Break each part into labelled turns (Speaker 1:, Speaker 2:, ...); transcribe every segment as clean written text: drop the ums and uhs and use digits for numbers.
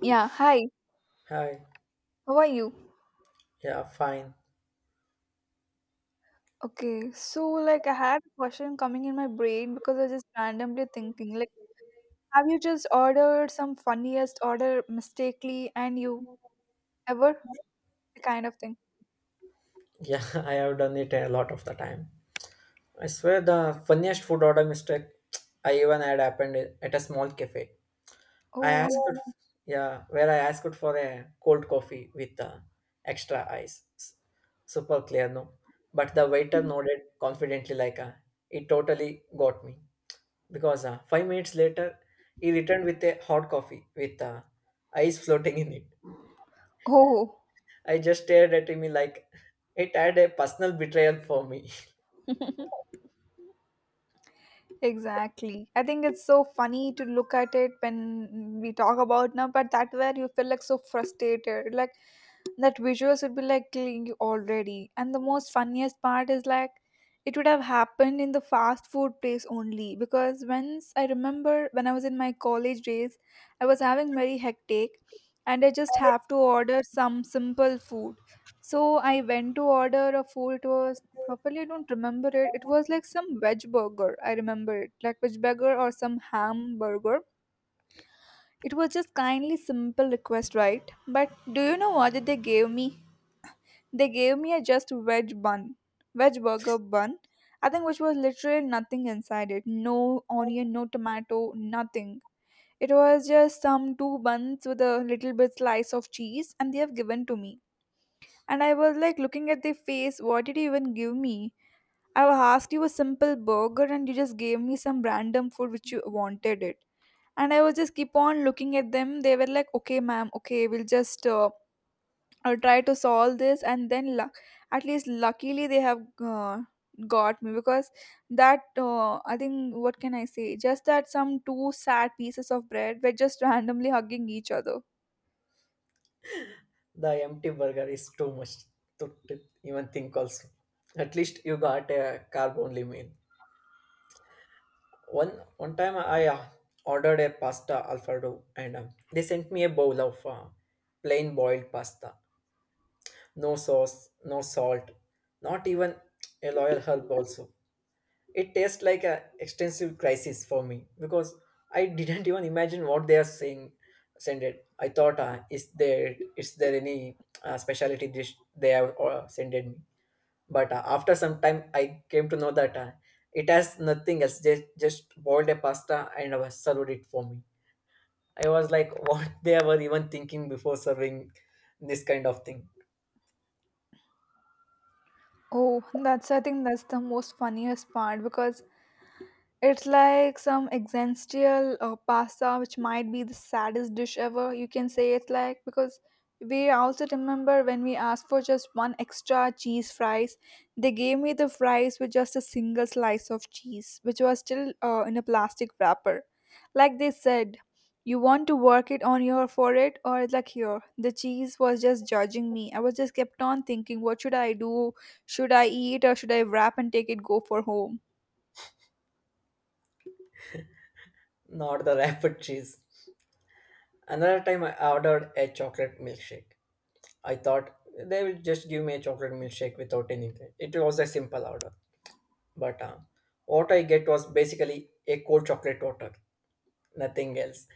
Speaker 1: Yeah, hi.
Speaker 2: Hi.
Speaker 1: How are you?
Speaker 2: Yeah, fine.
Speaker 1: Okay, so like I had a question coming in my brain because I was just randomly thinking, like, have you just ordered some funniest order mistakenly and you ever the kind of thing?
Speaker 2: Yeah, I have done it a lot of the time. I swear the funniest food order mistake I even had happened at a small cafe. I
Speaker 1: Oh,
Speaker 2: asked, it- yeah, where I asked for a cold coffee with extra ice. Super clear, no? But the waiter nodded confidently like it totally got me. Because 5 minutes later, he returned with a hot coffee with ice floating in it.
Speaker 1: oh.
Speaker 2: I just stared at him like it had a personal betrayal for me.
Speaker 1: Exactly. I think it's so funny to look at it when we talk about now, but that where you feel like so frustrated. Like that visuals would be like killing you already. And the most funniest part is like it would have happened in the fast food place only because once I remember when I was in my college days, I was having very hectic and I just have to order some simple food. So I went to order a food. It was properly, I don't remember it. It was like some veg burger. I remember it, like veg burger or some ham burger. It was just kindly simple request, right? But do you know what did they gave me? They gave me a just veg bun, veg burger bun. I think which was literally nothing inside it. No onion, no tomato, nothing. It was just some two buns with a little bit slice of cheese, and they have given to me. And I was like looking at their face. What did you even give me? I asked you a simple burger and you just gave me some random food which you wanted it. And I was just keep on looking at them. They were like, okay, ma'am, okay, we'll just try to solve this. And then, at least luckily, they have got me because I think, what can I say? Just that some two sad pieces of bread were just randomly hugging each other.
Speaker 2: The empty burger is too much to even think also. At least you got a carb only meal. One time I ordered a pasta alfredo and they sent me a bowl of plain boiled pasta. No sauce, no salt, not even a loyal herb also. It tastes like a extensive crisis for me because I didn't even imagine what they are saying. Send it. I thought, is there any specialty dish they have sent it me? But after some time, I came to know that it has nothing else. Just boiled a pasta and served it for me. I was like, what they were even thinking before serving this kind of thing.
Speaker 1: Oh, that's I think that's the most funniest part because it's like some existential pasta, which might be the saddest dish ever. You can say it's like because we also remember when we asked for just one extra cheese fries, they gave me the fries with just a single slice of cheese, which was still in a plastic wrapper. Like they said, you want to work it on your forehead, or it's like here. The cheese was just judging me. I was just kept on thinking, what should I do? Should I eat or should I wrap and take it go for home?
Speaker 2: Not the rapid cheese. Another time I ordered a chocolate milkshake. I thought they will just give me a chocolate milkshake without anything. It was a simple order. But what I get was basically a cold chocolate water, nothing else.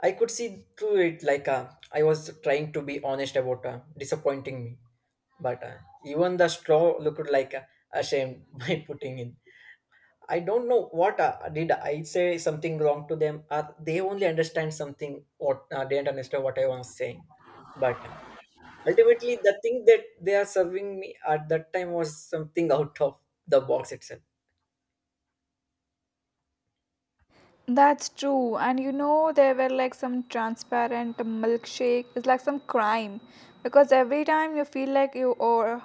Speaker 2: I could see through it like I was trying to be honest about disappointing me. But even the straw looked like ashamed by putting in. I don't know what did I say something wrong to them or they only understand something what they didn't understand what I was saying. But Ultimately, the thing that they are serving me at that time was something out of the box itself,
Speaker 1: That's true. And there were like some transparent milkshake. It's like some crime because every time you feel like you or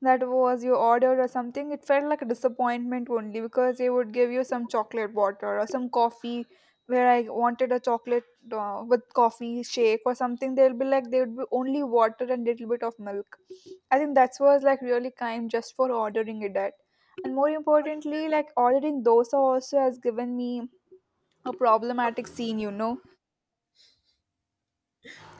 Speaker 1: that was you ordered or something, it felt like a disappointment only because they would give you some chocolate water or some coffee where I wanted a chocolate with coffee shake or something. They'll be like, they would be only water and little bit of milk. I think that was like really kind just for ordering it at. And more importantly, like ordering dosa also has given me a problematic scene.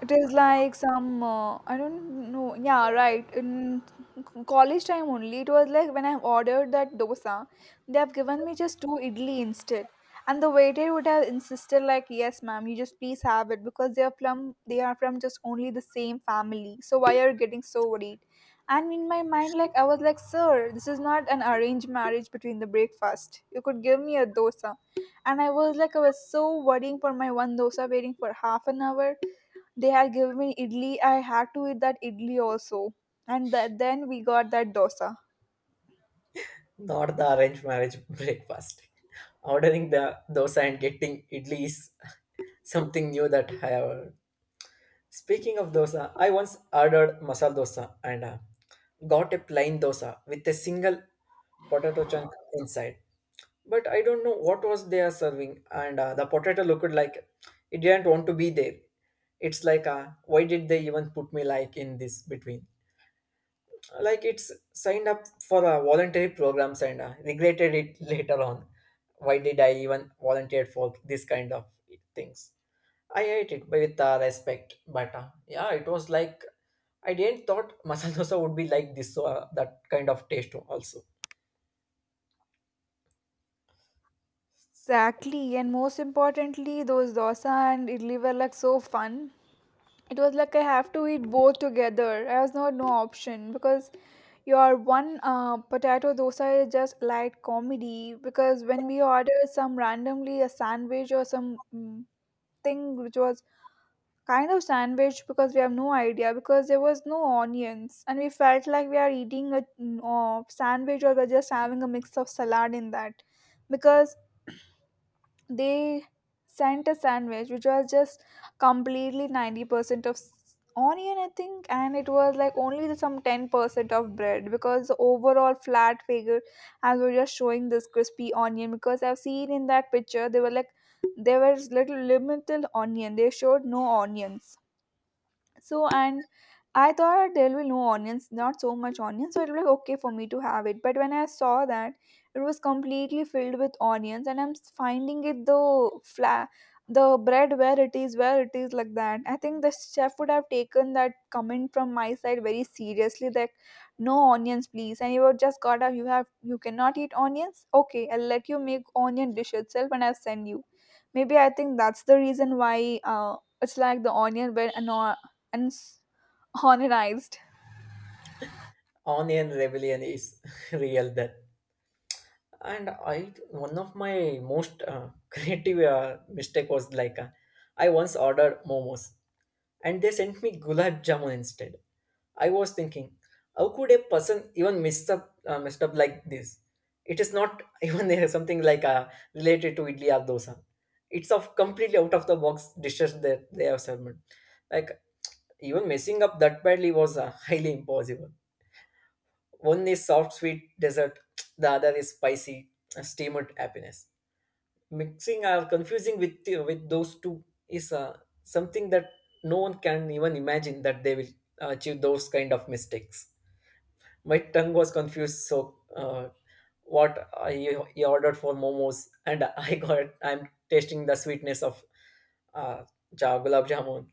Speaker 1: It is like some I don't know. Yeah, right. In college time only, it was like when I ordered that dosa, they have given me just two idli instead, and the waiter would have insisted like, "Yes, ma'am, you just please have it because they are from just only the same family. So why are you getting so worried?" And in my mind, like I was like, "Sir, this is not an arranged marriage between the breakfast. You could give me a dosa." And I was like, I was so worrying for my one dosa waiting for half an hour they had given me idli. I had to eat that idli also. And that, then we got that dosa.
Speaker 2: not the arranged marriage breakfast. Ordering the dosa and getting idli is something new that I have heard. Speaking of dosa, I once ordered masala dosa and got a plain dosa with a single potato chunk inside. But I don't know what was they are serving, and the potato looked like it didn't want to be there. It's like, why did they even put me like in this between? Like it's signed up for voluntary programs and regretted it later on. Why did I even volunteer for this kind of things? I hate it with respect, but yeah, it was like I didn't thought masala dosa would be like this, that kind of taste also.
Speaker 1: Exactly. And most importantly, those dosa and idli were like so fun. It was like I have to eat both together. I was not no option because your one potato dosa is just light comedy. Because when we ordered some randomly a sandwich or some thing which was kind of sandwich because we have no idea because there was no onions and we felt like we are eating a sandwich, or we're just having a mix of salad in that because they sent a sandwich which was just completely 90% of onion, I think, and it was like only the some 10% of bread because the overall flat figure as we're just showing this crispy onion because I've seen in that picture they were like there was little limited onion, they showed no onions. So and I thought there will be no onions, not so much onions, so it was okay for me to have it. But when I saw that it was completely filled with onions, and I'm finding it the flat the bread where it is like that, I think the chef would have taken that comment from my side very seriously, like no onions please, and he would just got up, you cannot eat onions, okay, I'll let you make onion dish itself and I'll send you maybe. I think that's the reason why it's like the onion when and s- organized.
Speaker 2: Onion rebellion is real there. And I one of my most creative mistake was like I once ordered momos and they sent me gulab jamun instead. I was thinking, how could a person even messed up like this? It is not even there something like related to idli or dosa. It's of completely out of the box dishes that they have served. Like even messing up that badly was highly impossible. One is soft sweet dessert, the other is spicy steamed happiness. Mixing or confusing with those two is something that no one can even imagine that they will achieve those kind of mistakes. My tongue was confused. So, what I he ordered for momos, and I got I'm tasting the sweetness of uh, gulab jamun.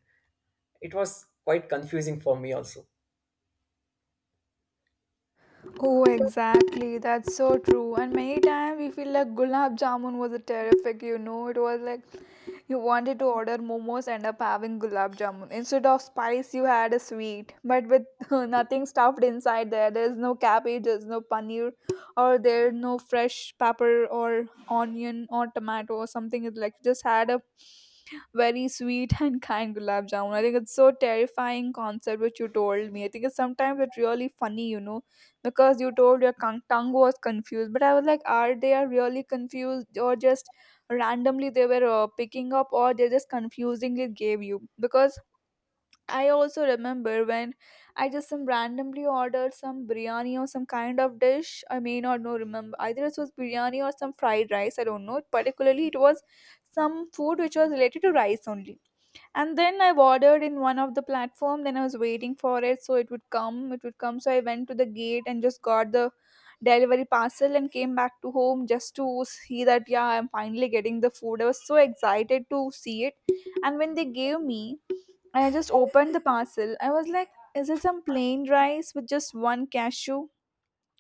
Speaker 2: It was quite confusing for me also.
Speaker 1: Oh, exactly. That's so true. And many times we feel like gulab jamun was a terrific. It was like you wanted to order momos, end up having gulab jamun. Instead of spice, you had a sweet, but with nothing stuffed inside there. There's no cabbage, there's no paneer, or there's no fresh pepper or onion or tomato or something. It's like you just had a very sweet and kind gulab jamun. I think it's so terrifying concept which you told me. I think it's sometimes it's really funny, because you told your tongue was confused, but I was like are they are really confused or just randomly they were picking up, or they just confusingly gave you. Because I also remember when I just some randomly ordered some biryani or some kind of dish, I may not know remember either it was biryani or some fried rice, I don't know particularly. It was some food which was related to rice only, and then I ordered in one of the platform. Then I was waiting for it, so it would come. So I went to the gate and just got the delivery parcel and came back to home, just to see that yeah I'm finally getting the food. I was so excited to see it, and when they gave me, I just opened the parcel. I was like is it some plain rice with just one cashew,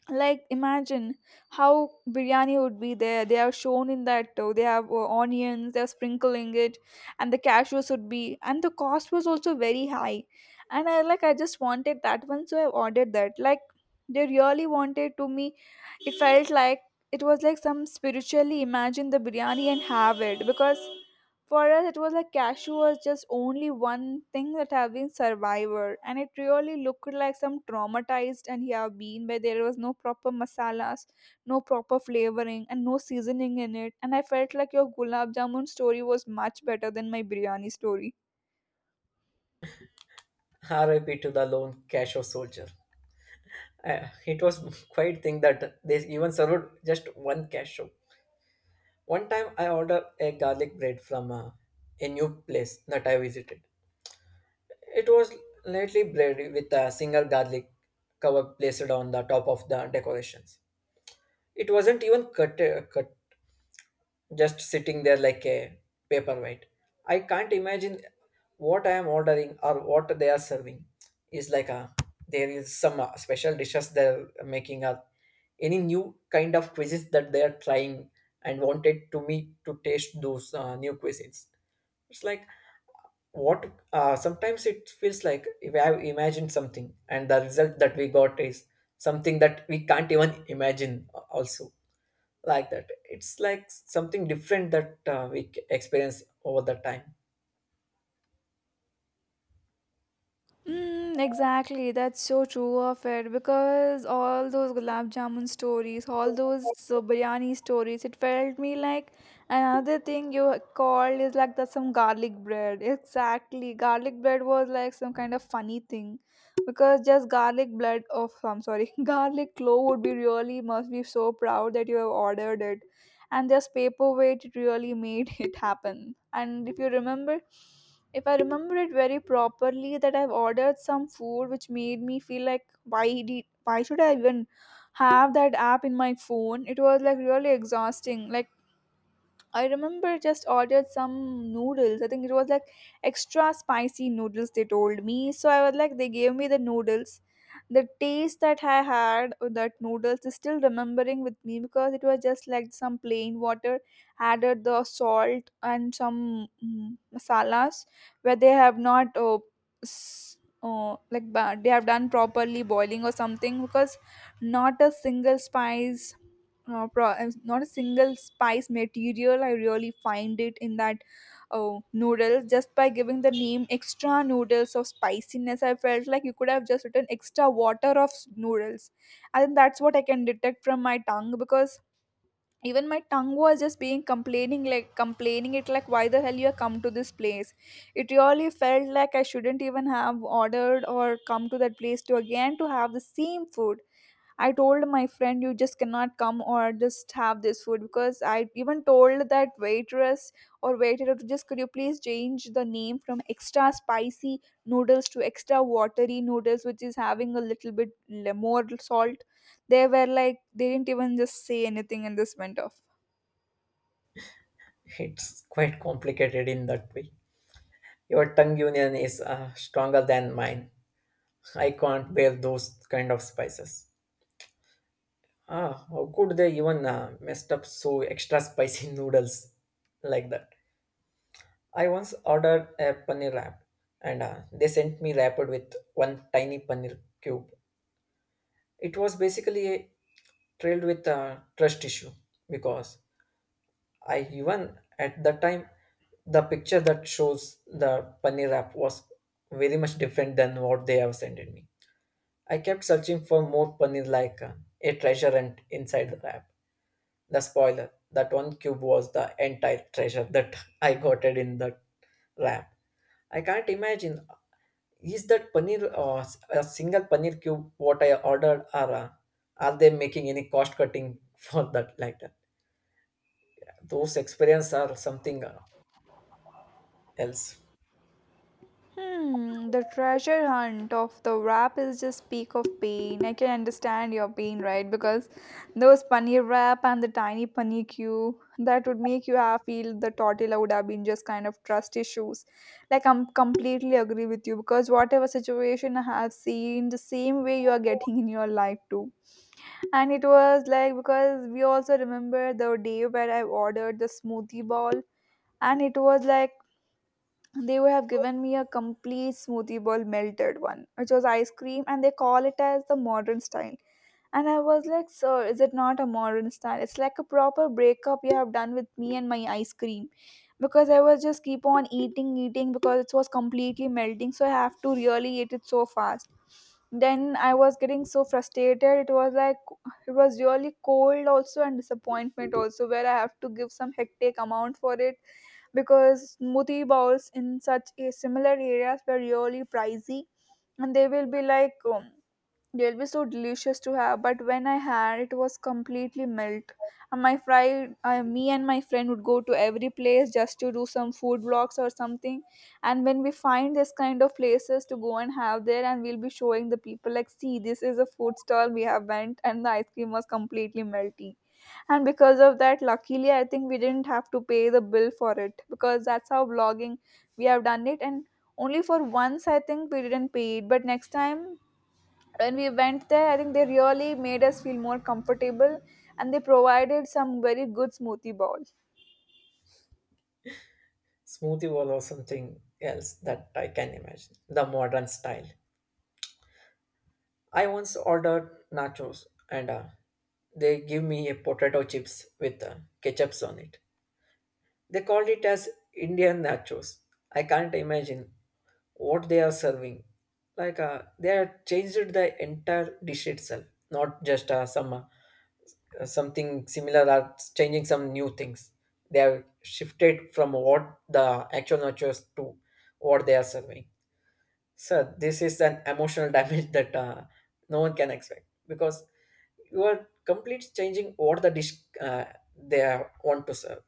Speaker 1: like imagine how biryani would be there, they are shown in that. Oh, they have onions, they're sprinkling it and the cashews would be, and the cost was also very high. And I just wanted that one, so I ordered that. Like they really wanted to me, it felt like, it was like some spiritually imagine the biryani and have it. Because for us, it was like cashew was just only one thing that have been survivor, and it really looked like some traumatized and he have been, where there was no proper masalas, no proper flavoring, and no seasoning in it. And I felt like your gulab jamun story was much better than my biryani story.
Speaker 2: R.I.P. to the lone cashew soldier. It was quite thing that they even served just one cashew. One time I ordered a garlic bread from a new place that I visited. It was lightly bread with a single garlic cover placed on the top of the decorations. It wasn't even cut, just sitting there like a paperweight. I can't imagine what I am ordering or what they are serving. Is like a there is some special dishes they're making or any new kind of cuisines that they are trying and wanted to me to taste those new cuisines. It's like what sometimes it feels like if I have imagined something and the result that we got is something that we can't even imagine also, like that. It's like something different that we experience over the time.
Speaker 1: Mm, exactly, that's so true of it because all those gulab jamun stories, all those biryani stories, it felt me like another thing you called is like that some garlic bread. Exactly, garlic bread was like some kind of funny thing because just garlic bread of I'm sorry, garlic clove would be really must be so proud that you have ordered it, and this paperweight it really made it happen. And if I remember it very properly, that I've ordered some food which made me feel like why should I even have that app in my phone? It was like really exhausting. Like I remember just ordered some noodles. I think it was like extra spicy noodles they told me. So I was like they gave me the noodles, the taste that I had with that noodles is still remembering with me because it was just like some plain water added the salt and some masalas, where they have not like they have done properly boiling or something because not a single spice material I really find it in that. Oh, noodles. Just by giving the name extra noodles of spiciness, I felt like you could have just written extra water of noodles. I think that's what I can detect from my tongue, because even my tongue was just being complaining it, like, why the hell you have come to this place? It really felt like I shouldn't even have ordered or come to that place to again to have the same food. I told my friend, you just cannot come or just have this food because I even told that waitress or waiter to just could you please change the name from extra spicy noodles to extra watery noodles, which is having a little bit more salt. They were like, they didn't even just say anything and this went off.
Speaker 2: It's quite complicated in that way. Your tongue union is stronger than mine. I can't bear those kind of spices. Ah, how could they even messed up so extra spicy noodles like that? I once ordered a paneer wrap, and they sent me wrapped with one tiny paneer cube. It was basically a trailed with a trust issue because I even at the time the picture that shows the paneer wrap was very much different than what they have sent me. I kept searching for more paneer like a treasure and inside the wrap. The spoiler that one cube was the entire treasure that I got it in the wrap. I can't imagine is that paneer a single paneer cube what I ordered, or are they making any cost cutting for that, like that? Those experience are something else.
Speaker 1: Hmm, the treasure hunt of the wrap is just peak of pain. I can understand your pain, right? Because those paneer wrap and the tiny paneer cube that would make you have feel the tortilla would have been just kind of trust issues. Like I'm completely agree with you because whatever situation I have seen, the same way you are getting in your life too. And it was like because we also remember the day where I ordered the smoothie ball, and it was like they would have given me a complete smoothie bowl melted one which was ice cream and they call it as the modern style. And I was like, sir, is it not a modern style? It's like a proper breakup you have done with me and my ice cream, because I was just keep on eating because it was completely melting, so I have to really eat it so fast. Then I was getting so frustrated. It was like it was really cold also and disappointment also where I have to give some hectic amount for it, because smoothie bowls in such a similar areas were really pricey, and they will be like they'll be so delicious to have, but when I had, it was completely melt. And my friend, me and my friend would go to every place just to do some food vlogs or something, and when we find this kind of places, to go and have there, and we'll be showing the people like, see, this is a food stall we have went and the ice cream was completely melty. And because of that, luckily I think we didn't have to pay the bill for it, because that's how vlogging we have done it. And only for once I think we didn't pay it, but next time when we went there, I think they really made us feel more comfortable and they provided some very good smoothie bowl.
Speaker 2: Smoothie bowl or something else that I can imagine. The modern style. I once ordered nachos and they give me a potato chips with ketchups on it. They called it as Indian nachos. I can't imagine what they are serving. Like they have changed the entire dish itself, not just something similar or changing some new things. They have shifted from what the actual nachos to what they are serving. So this is an emotional damage that no one can expect because you are completely changing what the dish uh, they are, want to serve.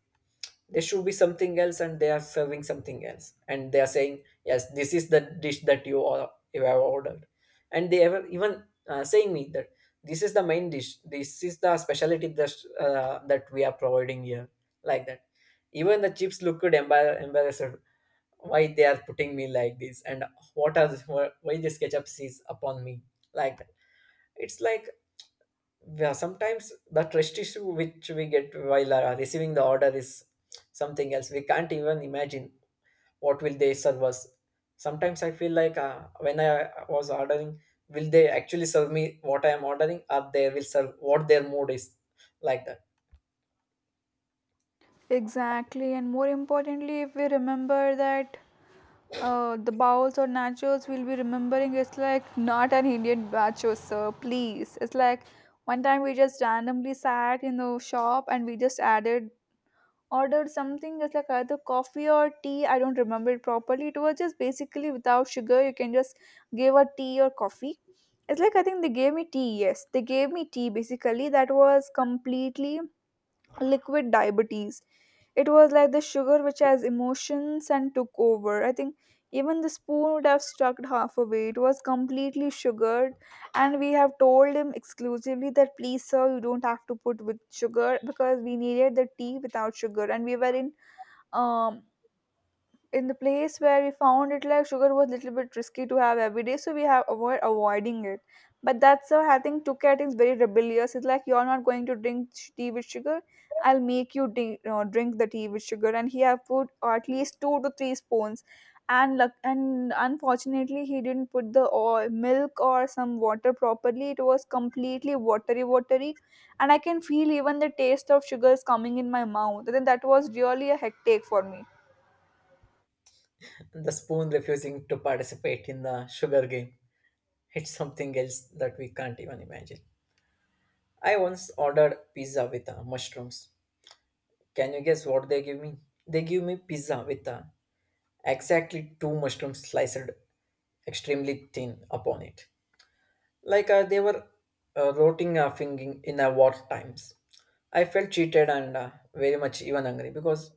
Speaker 2: There should be something else, and they are serving something else, and they are saying, "Yes, this is the dish that you have ordered," and they ever even saying me that this is the main dish, this is the specialty that that we are providing here, like that. Even the chips looked embarrassed why they are putting me like this, and what are why this ketchup sees upon me, like that. It's like, yeah, sometimes the trust issue which we get while receiving the order is something else we can't even imagine what will they serve us. Sometimes I feel like when I was ordering, will they actually serve me what I am ordering, or they will serve what their mood is, like that.
Speaker 1: Exactly, and more importantly, if we remember that the bowls or nachos we'll be remembering it's like not an Indian nacho, sir. Please, it's like one time we just randomly sat in the shop and we just added ordered something. It's like either coffee or tea. I don't remember it properly. It was just basically without sugar. You can just give a tea or coffee. It's like I think they gave me tea. Yes, they gave me tea. Basically, that was completely liquid diabetes. It was like the sugar which has emotions and took over. I think even the spoon would have stuck halfway. It was completely sugared, and we have told him exclusively that please, sir, you don't have to put with sugar because we needed the tea without sugar, and we were um in the place where we found it like sugar was a little bit risky to have every day, so we have avoiding it. But that's how I think took is very rebellious. It's like, you're not going to drink tea with sugar, I'll make you drink, drink the tea with sugar. And he have put at least two to three spoons, and luck and unfortunately he didn't put the oil, milk or some water properly. It was completely watery, and I can feel even the taste of sugar is coming in my mouth. Then that was really a hectic for me.
Speaker 2: The spoon refusing to participate in the sugar game, it's something else that we can't even imagine. I once ordered pizza with mushrooms. Can you guess what they give me? They give me pizza with exactly two mushrooms sliced extremely thin upon it. Like they were rotting fingering in war times. I felt cheated and very much even angry because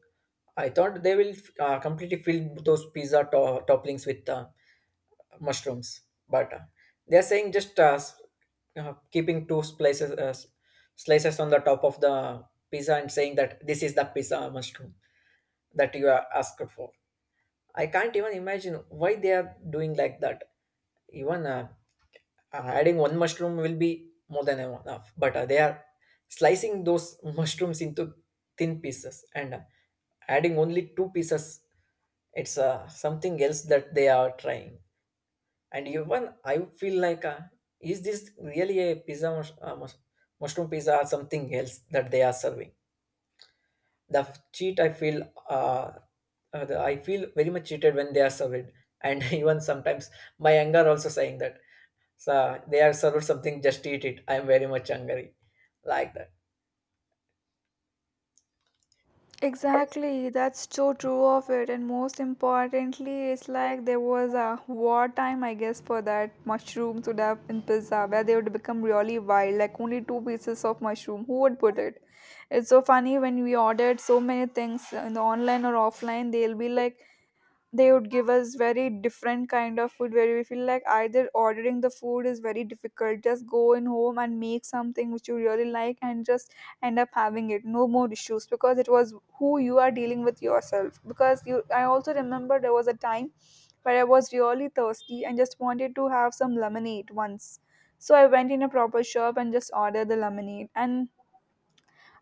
Speaker 2: I thought they will completely fill those pizza topplings with mushrooms, but they're saying just keeping two slices on the top of the pizza and saying that this is the pizza mushroom that you are asked for. I can't even imagine why they are doing like that. Even adding one mushroom will be more than enough, but they are slicing those mushrooms into thin pieces and adding only two pieces. It's something else that they are trying. And even I feel like, is this really a mushroom pizza, or something else that they are serving? The cheat I feel, the, I feel very much cheated when they are served, and even sometimes my anger also saying that, so they are served something, just eat it. I am very much hungry, like that.
Speaker 1: Exactly, that's so true of it, and most importantly, it's like there was a wartime, I guess, for that mushroom soda in pizza where they would become really wild, like only two pieces of mushroom. Who would put it? It's so funny when we ordered so many things in the online or offline, they'll be like, they would give us very different kind of food where we feel like either ordering the food is very difficult. Just go in home and make something which you really like and just end up having it. No more issues, because it was who you are dealing with yourself. Because you, I also remember there was a time where I was really thirsty and just wanted to have some lemonade once, so I went in a proper shop and just ordered the lemonade. And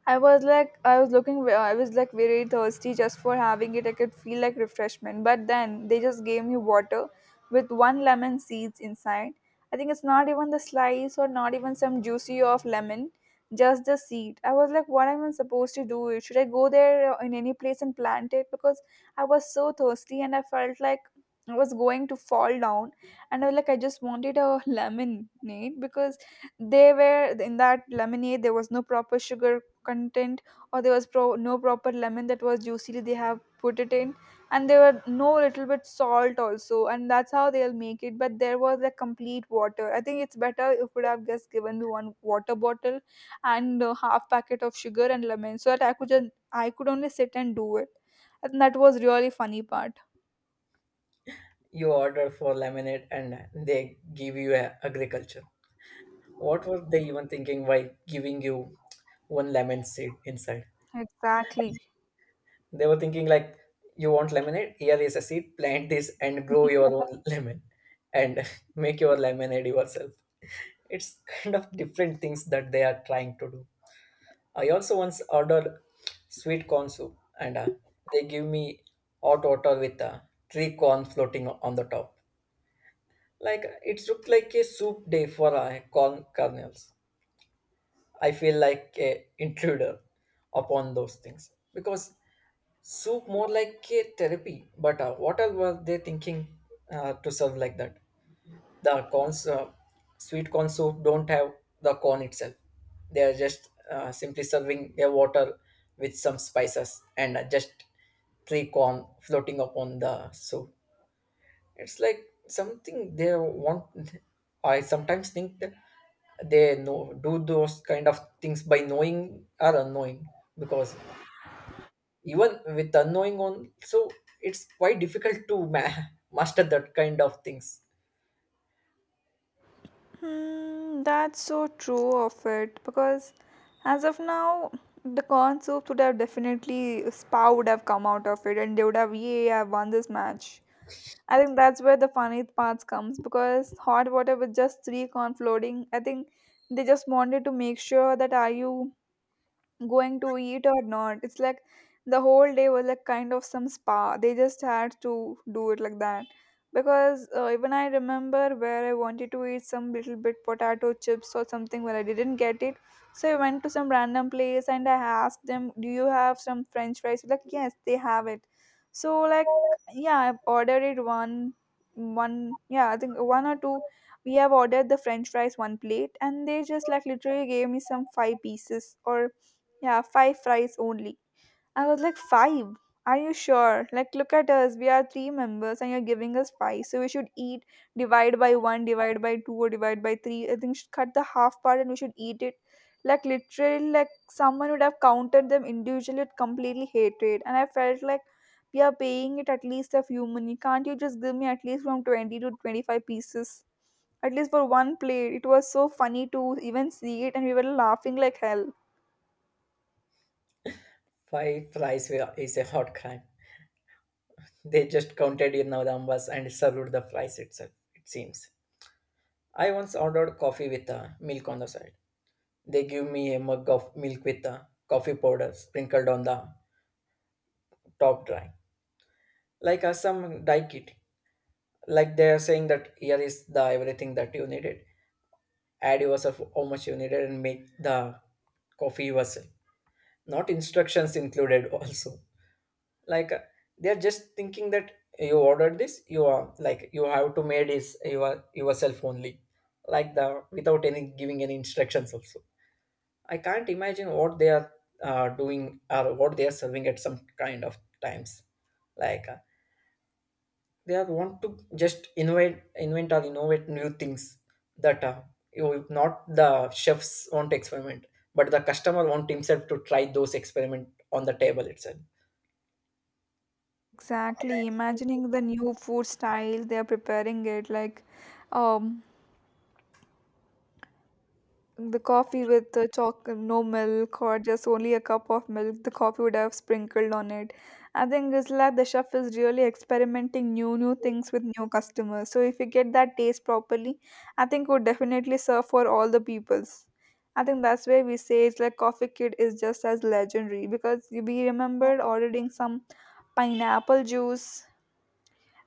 Speaker 1: I was like, I was looking, I was like very thirsty just for having it. I could feel like refreshment. But then they just gave me water with one lemon seeds inside. I think it's not even the slice or not even some juicy of lemon, just the seed. I was like, what am I supposed to do? Should I go there in any place and plant it? Because I was so thirsty and I felt like I was going to fall down. And I was like, I just wanted a lemonade because they were in that lemonade there was no proper sugar content, or there was no proper lemon that was juicy they have put it in, and there were no little bit salt also, and that's how they'll make it. But there was a complete water. I think it's better if would have just given me one water bottle and a half packet of sugar and lemon, so that I could just, I could only sit and do it. And that was really funny part.
Speaker 2: You order for lemonade, and they give you a agriculture. What were they even thinking by giving you one lemon seed inside?
Speaker 1: Exactly.
Speaker 2: They were thinking like, you want lemonade? Here is a seed. Plant this and grow your own lemon, and make your lemonade yourself. It's kind of different things that they are trying to do. I also once ordered sweet corn soup, and they give me hot water with three corn floating on the top. Like it looked like a soup day for corn kernels. I feel like a intruder upon those things because soup more like a therapy. But what else were they thinking to serve like that? The corns, sweet corn soup don't have the corn itself. They are just simply serving a water with some spices and just three corn floating upon the soup. It's like something they want. I sometimes think that they know do those kind of things by knowing or unknowing because even with unknowing on, so it's quite difficult to master that kind of things.
Speaker 1: Hmm, that's so true of it. Because as of now, the corn soups would have definitely Spa would have come out of it, and they would have, yay, I've won this match. I think that's where the funny parts comes, because hot water with just three corn floating. I think they just wanted to make sure that are you going to eat or not. It's like the whole day was like kind of some spa. They just had to do it like that. Because even I remember where I wanted to eat some little bit potato chips or something, but I didn't get it. So I went to some random place and I asked them, "Do you have some French fries?" Like, yes, they have it. So like, yeah, I've ordered it yeah, I think one or two. We have ordered the French fries one plate, and they just like literally gave me some five pieces or yeah, five fries only. I was like, five? Are you sure? Like, look at us. We are three members and you're giving us five. So we should eat divide by one, divide by two, or divide by three. I think we should cut the half part and we should eat it. Like, literally, like someone would have counted them individually with completely hatred. And I felt like we are paying it at least a few money. Can't you just give me at least from 20 to 25 pieces? At least for one plate. It was so funny to even see it and we were laughing like hell.
Speaker 2: Five fries is a hot crime. They just counted in the numbers and served the flies itself. It seems. I once ordered coffee with milk on the side. They give me a mug of milk with coffee powder sprinkled on the top dry. Like some dye kit, like they are saying that here is the everything that you needed, add yourself how much you needed and make the coffee yourself, not instructions included also. Like they are just thinking that you ordered this, you are like you have to made is your yourself only, like the without any giving any instructions also. I can't imagine what they are doing or what they are serving at some kind of times. Like they are want to just invent or innovate new things that you not the chefs want to experiment, but the customer want himself to try those experiment on the table itself.
Speaker 1: Exactly. Imagining the new food style they are preparing it like um the coffee with the choc no milk or just only a cup of milk the coffee would have sprinkled on it. I think it's like the chef is really experimenting new things with new customers. So if you get that taste properly, I think would definitely serve for all the peoples. I think that's why we say it's like Coffee Kid is just as legendary, because we remembered ordering some pineapple juice,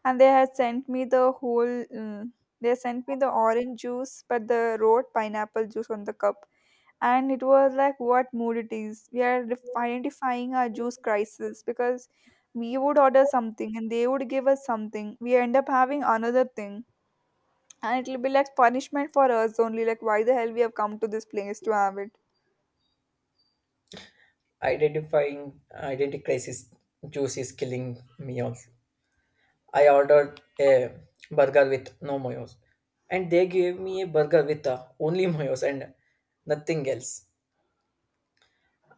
Speaker 1: and they had sent me the whole mm, they sent me the orange juice but the wrote pineapple juice on the cup. And it was like, what mood it is? We are identifying our juice crisis, because we would order something and they would give us something, we end up having another thing. And it'll be like punishment for us only, like why the hell we have come to this place to have it.
Speaker 2: Identifying identity crisis, juice is killing me also. I ordered a burger with no mayos, and they gave me a burger with only mayos and nothing else.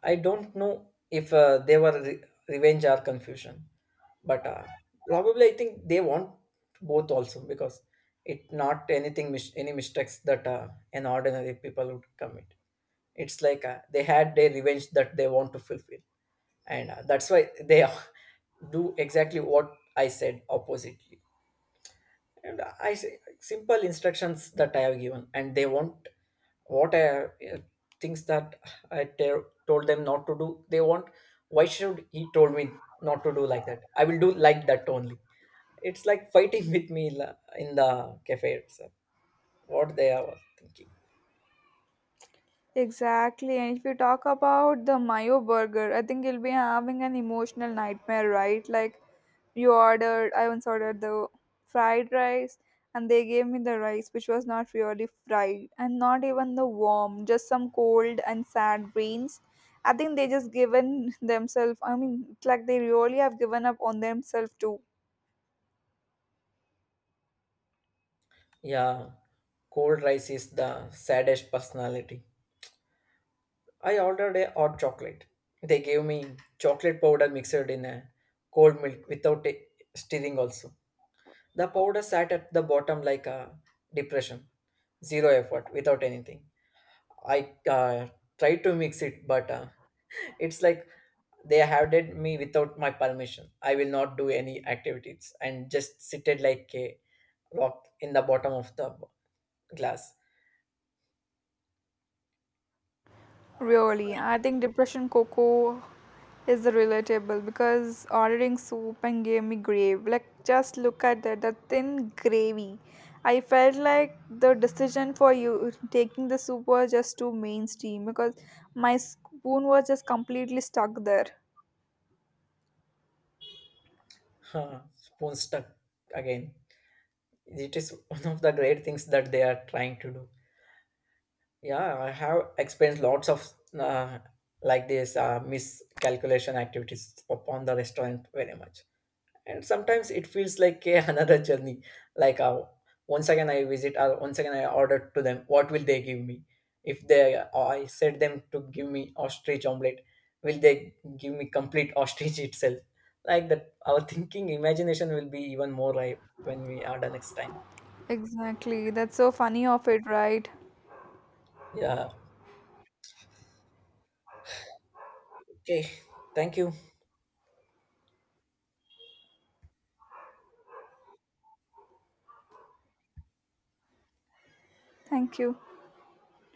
Speaker 2: I don't know if they were revenge or confusion, but probably I think they want both also, because it not anything any mistakes that an ordinary people would commit. It's like they had their revenge that they want to fulfill, and that's why they do exactly what I said oppositely. And I say simple instructions that I have given, and they want what I uh, things that I told them not to do, they want, why should he told me not to do like that, I will do like that only. It's like fighting with me in the cafe itself. What they are thinking?
Speaker 1: Exactly. And if you talk about the Mayo burger, I think you'll be having an emotional nightmare, right? Like you ordered, I once ordered the fried rice, and they gave me the rice which was not really fried and not even the warm, just some cold and sad beans. I think they just given themselves, I mean, it's like they really have given up on themselves too.
Speaker 2: Yeah, cold rice is the saddest personality. I ordered a hot chocolate, they gave me chocolate powder mixed in a cold milk without a stirring also. The powder sat at the bottom like a depression, zero effort, without anything. I tried to mix it, but it's like they have did me without my permission. I will not do any activities and just seated like a rock in the bottom of the glass.
Speaker 1: Really, I think depression cocoa is the relatable, because ordering soup and gave me gravy. Like just look at that, the thin gravy. I felt like the decision for you taking the soup was just too mainstream, because my spoon was just completely stuck there.
Speaker 2: Huh, spoon stuck again. It is one of the great things that they are trying to do. Yeah, I have experienced lots of uh, like this miscalculation activities upon the restaurant very much. And sometimes it feels like a, another journey. Like once again I visit, or once again I order to them, what will they give me? If they I said them to give me ostrich omelette, will they give me complete ostrich itself? Like that our thinking imagination will be even more ripe when we order next time.
Speaker 1: Exactly, that's so funny of it, right?
Speaker 2: Yeah. Okay. Thank you.
Speaker 1: Thank you.